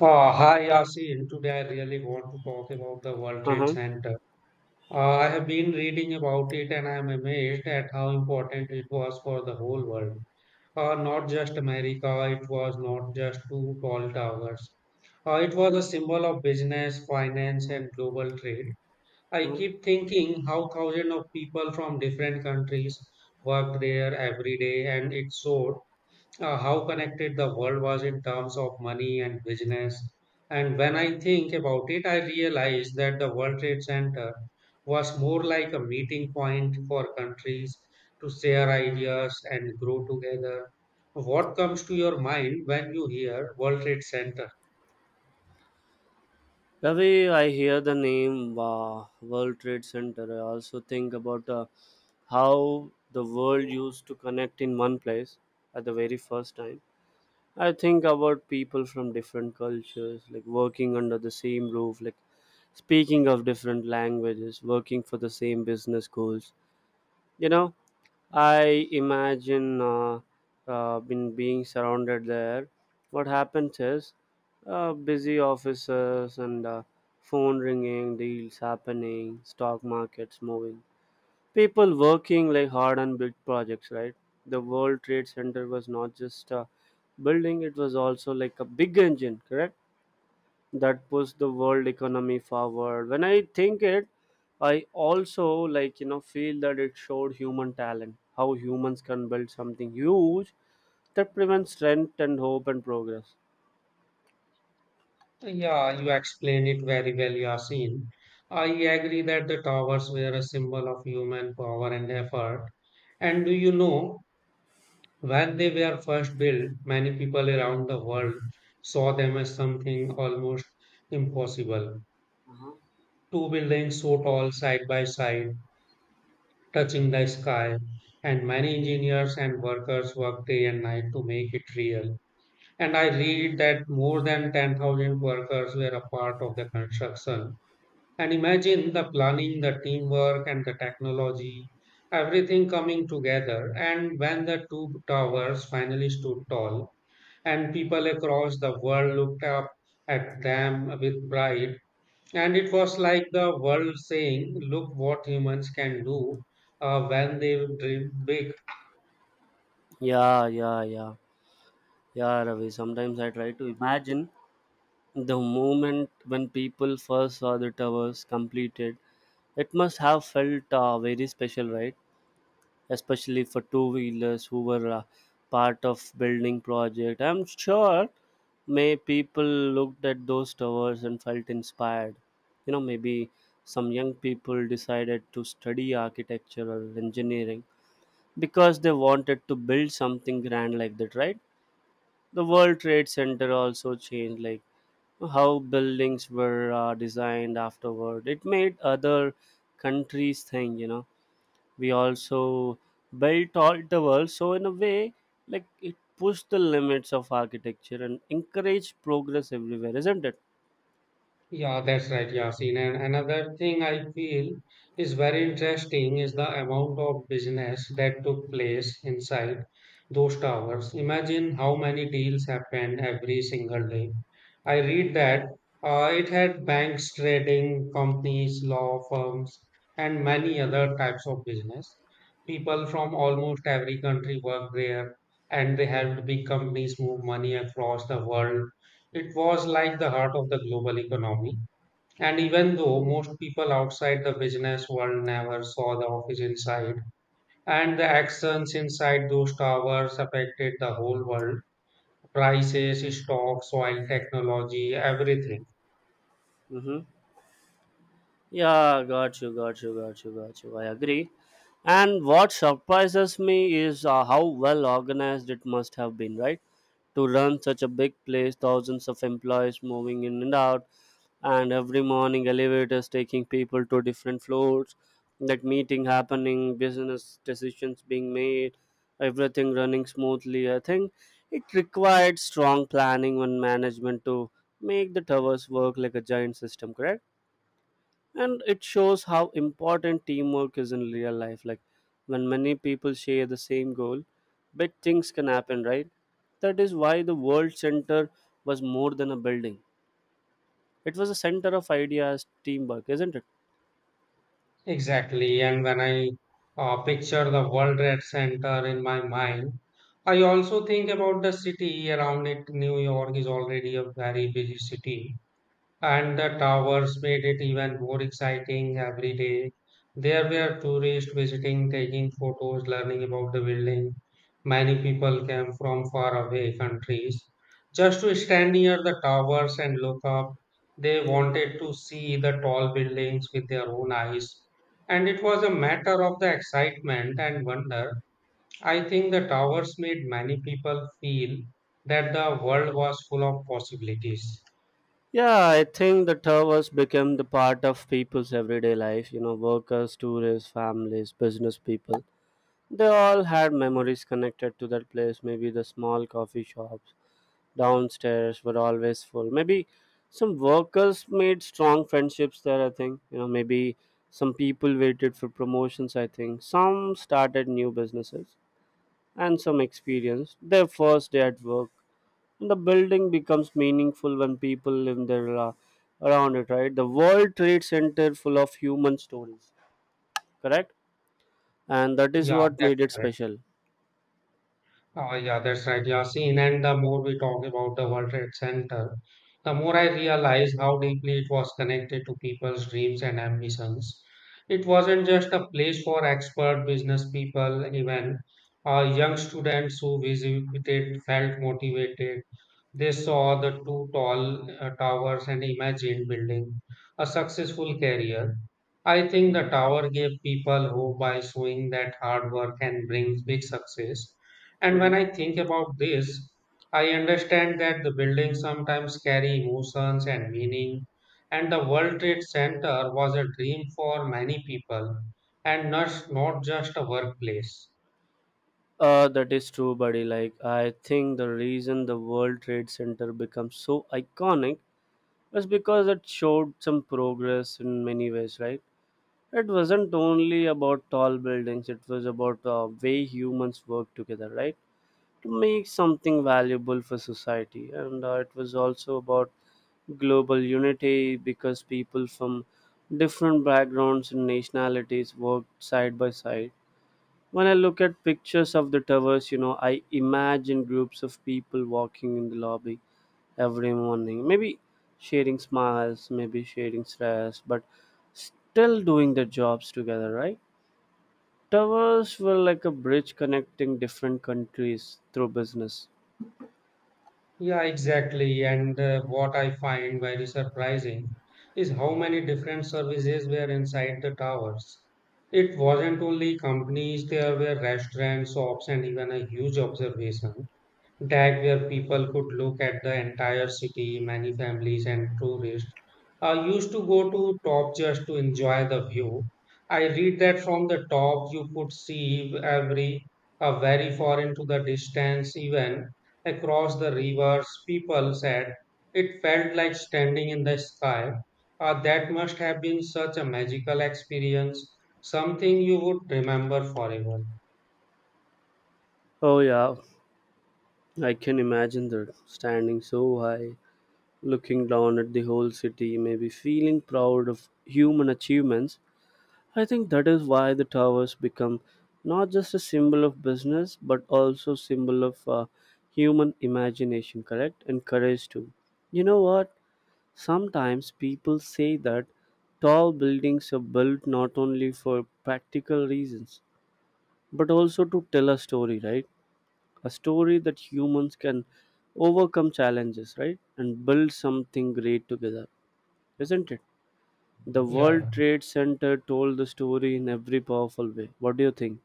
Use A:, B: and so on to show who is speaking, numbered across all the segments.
A: Hi, Yasin. Today I really want to talk about the World Trade
B: Uh-huh.
A: Center. I have been reading about it and I am amazed at how important it was for the whole world. Not just America, it was not just two tall towers. It was a symbol of business, finance, and global trade. I
B: Uh-huh.
A: keep thinking how thousands of people from different countries worked there every day, and it showed how connected the world was in terms of money and business. And when I think about it, I realize that the World Trade Center was more like a meeting point for countries to share ideas and grow together. What comes to your mind when you hear World Trade Center?
B: Ravi, I hear the name World Trade Center. I also think about how the world used to connect in one place at the very first time. I think about people from different cultures, like working under the same roof, like speaking of different languages, working for the same business goals. You know, I imagine been being surrounded there. What happens is busy offices and phone ringing, deals happening, stock markets moving, people working like hard on big projects. Right, the World Trade Center was not just a building; it was also like a big engine. Correct that pushed the world economy forward. When I think it, I also like, you know, feel that it showed human talent, how humans can build something huge that prevents strength and hope and progress.
A: Yeah, you explain it very well, Yasin. I agree that the towers were a symbol of human power and effort. And do you know, when they were first built, many people around the world saw them as something almost impossible. Two buildings so tall side by side, touching the sky, and many engineers and workers worked day and night to make it real. And I read that more than 10,000 workers were a part of the construction. And imagine the planning, the teamwork, and the technology, everything coming together. And when the two towers finally stood tall, and people across the world looked up at them with pride. And it was like the world saying, look what humans can do when they dream big.
B: Yeah, yeah, yeah, yeah, Ravi, sometimes I try to imagine the moment when people first saw the towers completed. It must have felt very special, right? Especially for two wheelers who were part of building project. I'm sure may people looked at those towers and felt inspired. You know, maybe some young people decided to study architecture or engineering because they wanted to build something grand like that, right? The World Trade Center also changed like how buildings were designed afterward. It made other countries think, you know, we also built all the world. So in a way, like, it pushed the limits of architecture and encouraged progress everywhere, isn't it?
A: Yeah, that's right, Yasin. And another thing I feel is very interesting is the amount of business that took place inside those towers. Imagine how many deals happened every single day. I read that it had banks, trading companies, law firms, and many other types of business. People from almost every country worked there, and they helped big companies move money across the world. It was like the heart of the global economy. And even though most people outside the business world never saw the office inside, and the actions inside those towers affected the whole world prices, stocks, oil, technology, everything.
B: hmm yeah, got you, got you, got you, got you, I agree. And what surprises me is how well organized it must have been, right? To run such a big place, thousands of employees moving in and out, and every morning elevators taking people to different floors, that meeting happening, business decisions being made, everything running smoothly. I think it required strong planning and management to make the towers work like a giant system, correct? And it shows how important teamwork is in real life, like when many people share the same goal, big things can happen, right? That is why the world center was more than a building. It was a center of ideas, teamwork, isn't it?
A: Exactly. And when I picture the World Trade Center in my mind, I also think about the city around it. New York is already a very busy city and the towers made it even more exciting every day. There were tourists visiting, taking photos, learning about the building. Many people came from faraway countries just to stand near the towers and look up. They wanted to see the tall buildings with their own eyes. And it was a matter of the excitement and wonder. I think the towers made many people feel that the world was full of possibilities.
B: Yeah, I think the towers became the part of people's everyday life. You know, workers, tourists, families, business people. They all had memories connected to that place. Maybe the small coffee shops downstairs were always full. Maybe some workers made strong friendships there, I think. You know, maybe some people waited for promotions, I think. Some started new businesses and some experienced their first day at work. The building becomes meaningful when people live there, around it, right? The world trade center full of human stories, correct? And that is
A: Yeah,
B: what made
A: that's
B: it
A: correct.
B: special.
A: Oh, yeah, that's right, Yasin. And the more we talk about the World Trade Center, the more I realize how deeply it was connected to people's dreams and ambitions. It wasn't just a place for expert business people, even young students who visited felt motivated. They saw the two tall towers and imagined building a successful career. I think the
B: hmm
A: tower gave people hope by showing that hard work can bring big success, and when
B: hmm
A: I think about this, I understand that the buildings sometimes carry emotions and meaning, and the World Trade Center was a dream for many people and not just a workplace.
B: that is true, buddy. Like, I think the reason the world trade center becomes so iconic was because it showed some progress in many ways, right? It wasn't only about tall buildings. It was about way humans work together, right? To make something valuable for society. And it was also about global unity because people from different backgrounds and nationalities worked side by side. When I look at pictures of the towers, you know, I imagine groups of people walking in the lobby every morning, maybe sharing smiles, maybe sharing stress, but still doing their jobs together, right? Towers were like a bridge connecting different countries through business.
A: Yeah, exactly. And what I find very surprising is how many different services were inside the towers. It wasn't only companies, there were restaurants, shops, and even a huge observation tag where people could look at the entire city, many families and tourists used to go to top just to enjoy the view. I read that from the top you could see every very far into the distance, even across the rivers. People said it felt like standing in the sky. That must have been such a magical experience, something you would remember forever.
B: Oh, yeah, I can imagine that standing so high, looking down at the whole city, maybe feeling proud of human achievements. I think that is why the towers become not just a symbol of business but also symbol of human imagination, correct? And courage too. You know what? Sometimes people say that tall buildings are built not only for practical reasons but also to tell a story, right? A story that humans can overcome challenges, right? And build something great together, isn't it? The
A: Yeah,
B: World
A: yeah.
B: Trade Center told the story in every powerful way. What do you think?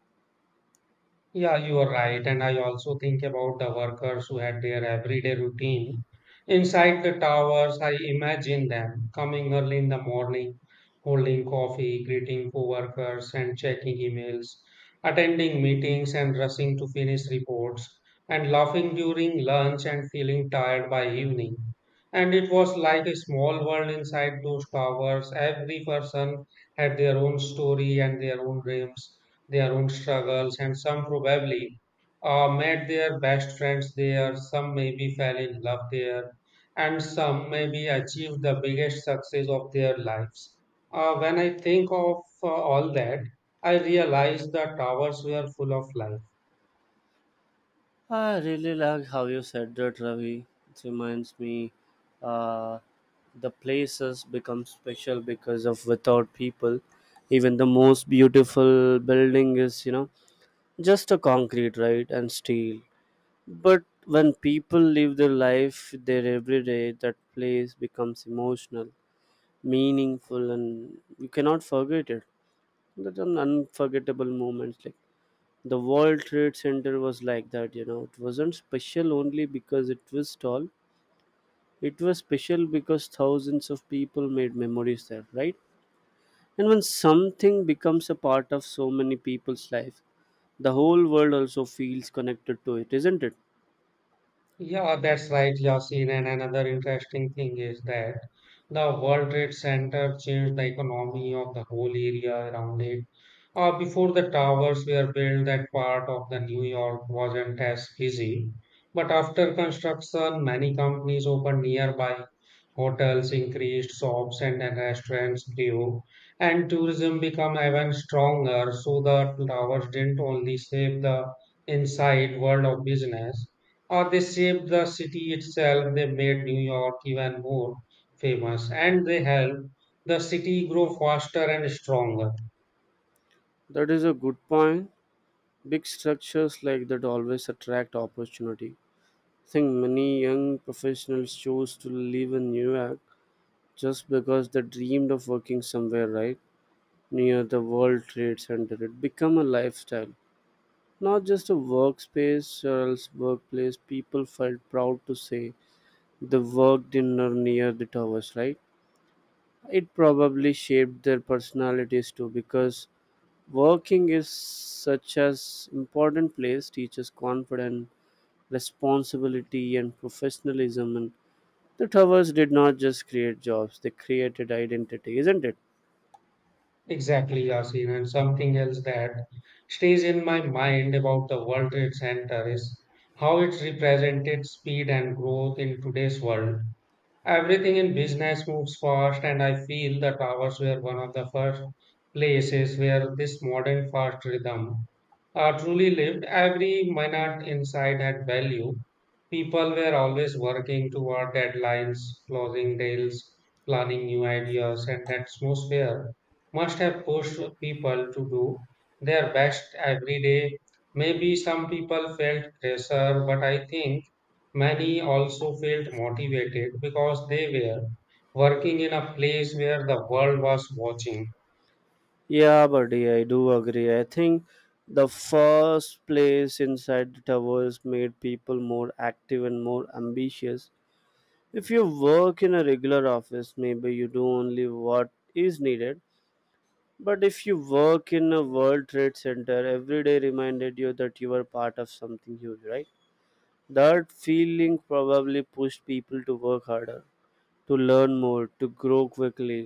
A: Yeah, you are right. And I also think about the workers who had their everyday routine inside the towers. I imagine them coming early in the morning, holding coffee, greeting coworkers, and checking emails, attending meetings, and rushing to finish reports, and laughing during lunch and feeling tired by evening. And it was like a small world inside those towers. Every person had their own story and their own dreams, their own struggles, and some probably met their best friends there, some maybe fell in love there, and some maybe achieved the biggest success of their lives. When I think of all that, I realize the towers were full of life.
B: I really like how you said that, Ravi. It reminds me uh, the places become special because of without people. Even the most beautiful building is, you know, just a concrete, right? And steel. But when people live their life there every day, that place becomes emotional, meaningful, and you cannot forget it. That's an unforgettable moment. Like the World Trade Center was like that, you know. It wasn't special only because it was tall. It was special because thousands of people made memories there, right? And when something becomes a part of so many people's life, the whole world also feels connected to it, isn't it?
A: Yeah, that's right, Yasin. And another interesting thing is that the World Trade Center changed the economy of the whole area around it. Before the towers were built, that part of the New York wasn't as busy. But after construction, many companies opened nearby. Hotels increased, shops and then restaurants grew, and tourism became even stronger. So the towers didn't only save the inside world of business or they shaped the city itself. They made New York even more famous and they helped the city grow faster and stronger.
B: That is a good point. Big structures like that always attract opportunity. I think many young professionals chose to live in New York just because they dreamed of working somewhere right near the World Trade Center. It became a lifestyle, not just a workspace or else workplace. People felt proud to say they worked in or near the towers, right? It probably shaped their personalities too, because working is such as important place teaches confidence, responsibility, and professionalism. And the towers did not just create jobs, they created identity, isn't it?
A: Exactly, Yasin. And something else that stays in my mind about the World Trade Center is how it represented speed and growth in today's world. Everything in business moves fast, and I feel the towers were one of the first places where this modern fast rhythm truly lived. Every minute inside had value. People were always working toward deadlines, closing deals, planning new ideas, and that atmosphere must have pushed people to do their best every day. Maybe some people felt pressure, but I think many also felt motivated because they were working in a place where the world was watching.
B: Yeah, buddy, I do agree. I think the first place inside the towers made people more active and more ambitious. If you work in a regular office, maybe you do only what is needed, but if you work in a world trade center, every day reminded you that you are part of something huge, right? That feeling probably pushed people to work harder, to learn more, to grow quickly.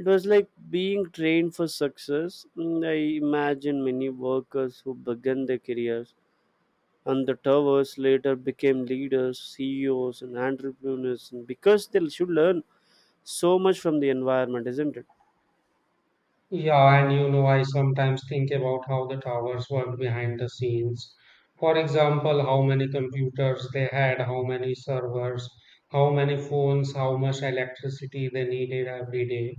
B: It was like being trained for success. And I imagine many workers who began their careers on the towers later became leaders, CEOs, and entrepreneurs because they should learn so much from the environment, isn't it?
A: Yeah, and you know, I sometimes think about how the towers worked behind the scenes. For example, how many computers they had, how many servers, how many phones, how much electricity they needed every day,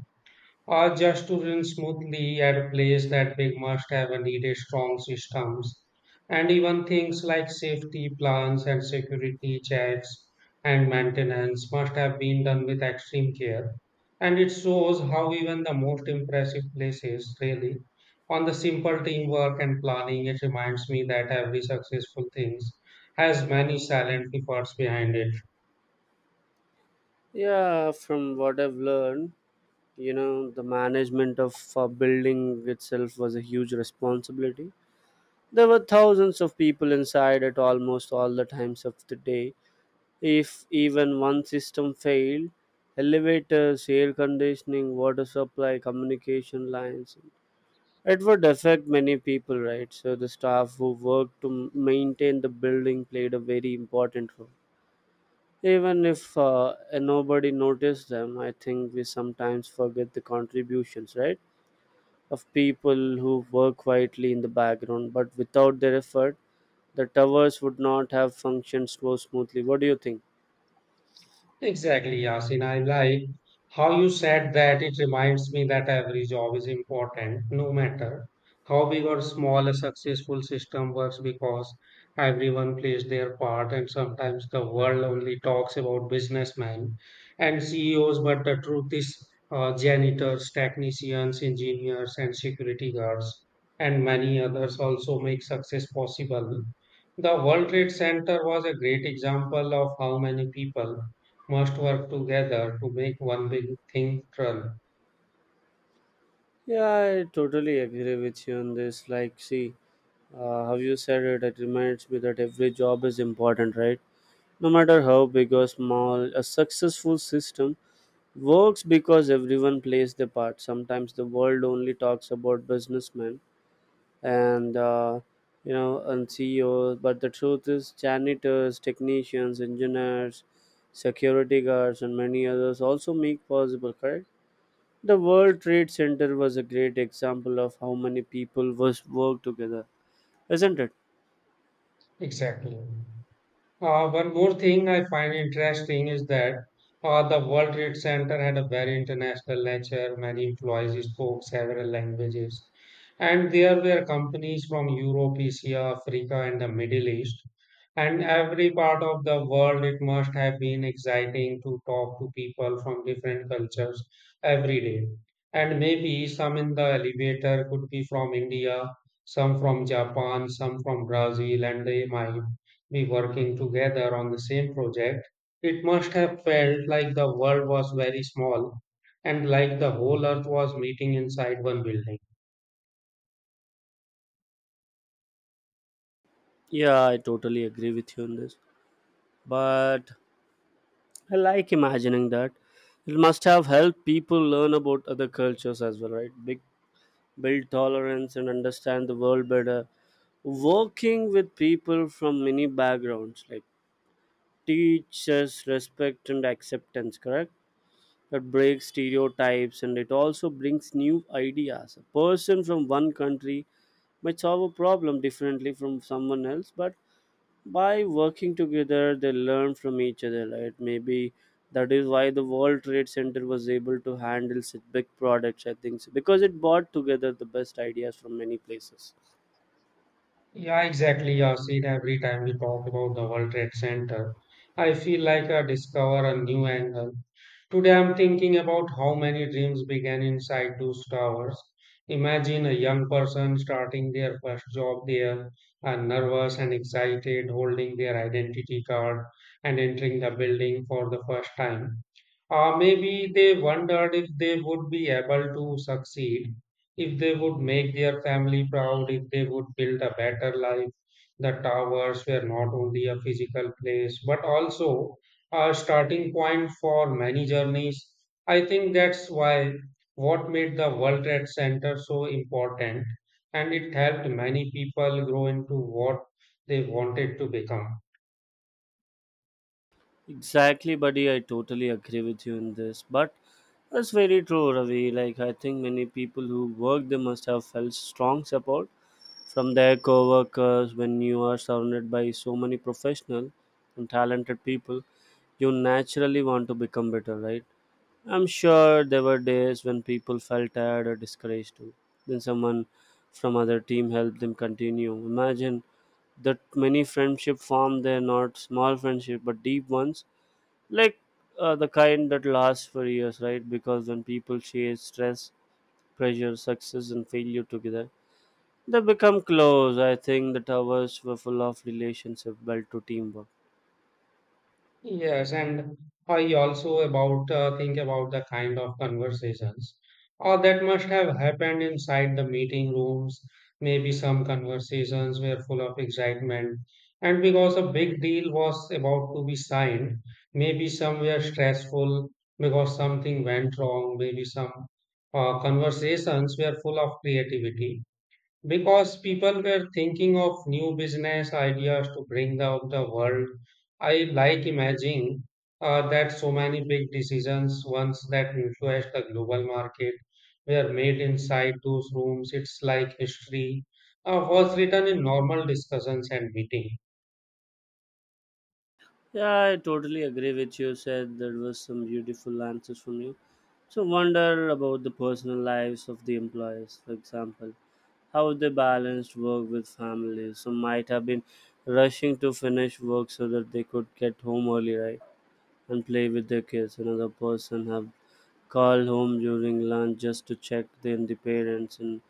A: or just to run smoothly at a place that big must have needed strong systems, and even things like safety plans and security checks and maintenance must have been done with extreme care, and it shows how even the most impressive places really on the simple teamwork and planning. It reminds me that every successful thing has many silent efforts behind it.
B: Yeah, from what I've learned, you know, the management of a building itself was a huge responsibility. There were thousands of people inside at almost all the times of the day. If even one system failed, elevators, air conditioning, water supply, communication lines, it would affect many people, right? So the staff who worked to maintain the building played a very important role. Even if nobody noticed them, I think we sometimes forget the contributions, right? Of people who work quietly in the background, but without their effort, the towers would not have functioned so smoothly. What do you think?
A: Exactly, Yasin. I like how you said that. It reminds me that every job is important, no matter how big or small a successful system works, because everyone plays their part, and sometimes the world only talks about businessmen and CEOs, but the truth is, janitors, technicians, engineers, and security guards, and many others also make success possible. The World Trade Center was a great example of how many people must work together to make one big thing run.
B: Yeah, I totally agree with you on this. Like, see, how you said it, it reminds me that every job is important, right? No matter how big or small, a successful system works because everyone plays their part. Sometimes the world only talks about businessmen and, you know, and CEOs, but the truth is, janitors, technicians, engineers, security guards, and many others also make possible, correct? The World Trade Center was a great example of how many people was work together, isn't it?
A: Exactly. One more thing I find interesting is that the World Trade Center had a very international nature. Many employees spoke several languages, and there were companies from Europe, Asia, Africa, and the Middle East. And every part of the world, it must have been exciting to talk to people from different cultures every day. And maybe some in the elevator could be from India, some from Japan, some from Brazil, and they might be working together on the same project, it must have felt like the world was very small and like the whole earth was meeting inside one building.
B: Yeah, I totally agree with you on this. But I like imagining that. It must have helped people learn about other cultures as well, right? Big build tolerance and understand the world better. Working with people from many backgrounds, like teaches respect and acceptance, correct? That breaks stereotypes and it also brings new ideas. A person from one country might solve a problem differently from someone else, but by working together they learn from each other, right? Maybe that is why the world trade center was able to handle such big products, I think so, because it brought together the best ideas from many places.
A: Yeah, exactly. Yeah, see, every time we talk about the World Trade Center, I feel like I discover a new angle. Today, I'm thinking about how many dreams began inside those towers. Imagine a young person starting their first job there, nervous and excited, holding their identity card and entering the building for the first time. Maybe they wondered if they would be able to succeed, if they would make their family proud, if they would build a better life. The towers were not only a physical place, but also a starting point for many journeys. I think that's why what made the World Trade Center so important, and it helped many people grow into what they wanted to become.
B: Exactly, buddy, I totally agree with you in this. But that's very true, Ravi. Like, I think many people who work, they must have felt strong support from their co-workers. When you are surrounded by so many professional and talented people, you naturally want to become better, right? I'm sure there were days when people felt tired or discouraged too, then someone from other team helped them continue. Imagine that many friendship formed there, not small friendship but deep ones, like the kind that lasts for years, right? Because when people share stress, pressure, success, and failure together, they become close. I think the towers were full of relationship, built to teamwork.
A: Yes, and I also about think about the kind of conversations that must have happened inside the meeting rooms. Maybe some conversations were full of excitement, and because a big deal was about to be signed, maybe some were stressful because something went wrong. Maybe some conversations were full of creativity because people were thinking of new business ideas to bring out the world. I like imagining that so many big decisions, ones that influenced the global market, were made inside those rooms. It's like history was written in normal discussions and meeting.
B: Yeah, I totally agree with you. Said there was some beautiful answers from you. So wonder about the personal lives of the employees, for example, how they balanced work with family. Some might have been rushing to finish work so that they could get home early, right, and play with their kids. Another person have call home during lunch just to check in the parents, and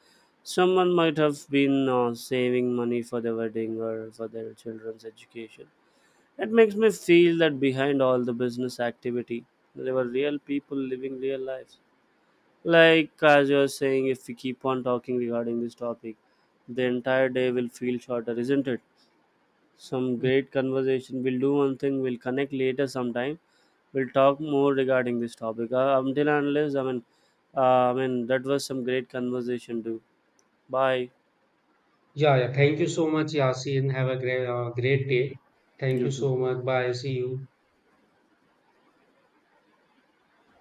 B: someone might have been saving money for the wedding or for their children's education. It makes me feel that behind all the business activity there were real people living real lives. Like as you're saying, if we keep on talking regarding this topic, the entire day will feel shorter, isn't it? Some great conversation. We'll do one thing. We'll connect later sometime. We'll talk more regarding this topic. Until and unless, I mean, that was some great conversation too. Bye.
A: Yeah, yeah. Thank you so much, Yasin. Have a great day. Thank you
B: You too.
A: so much. Bye. See you.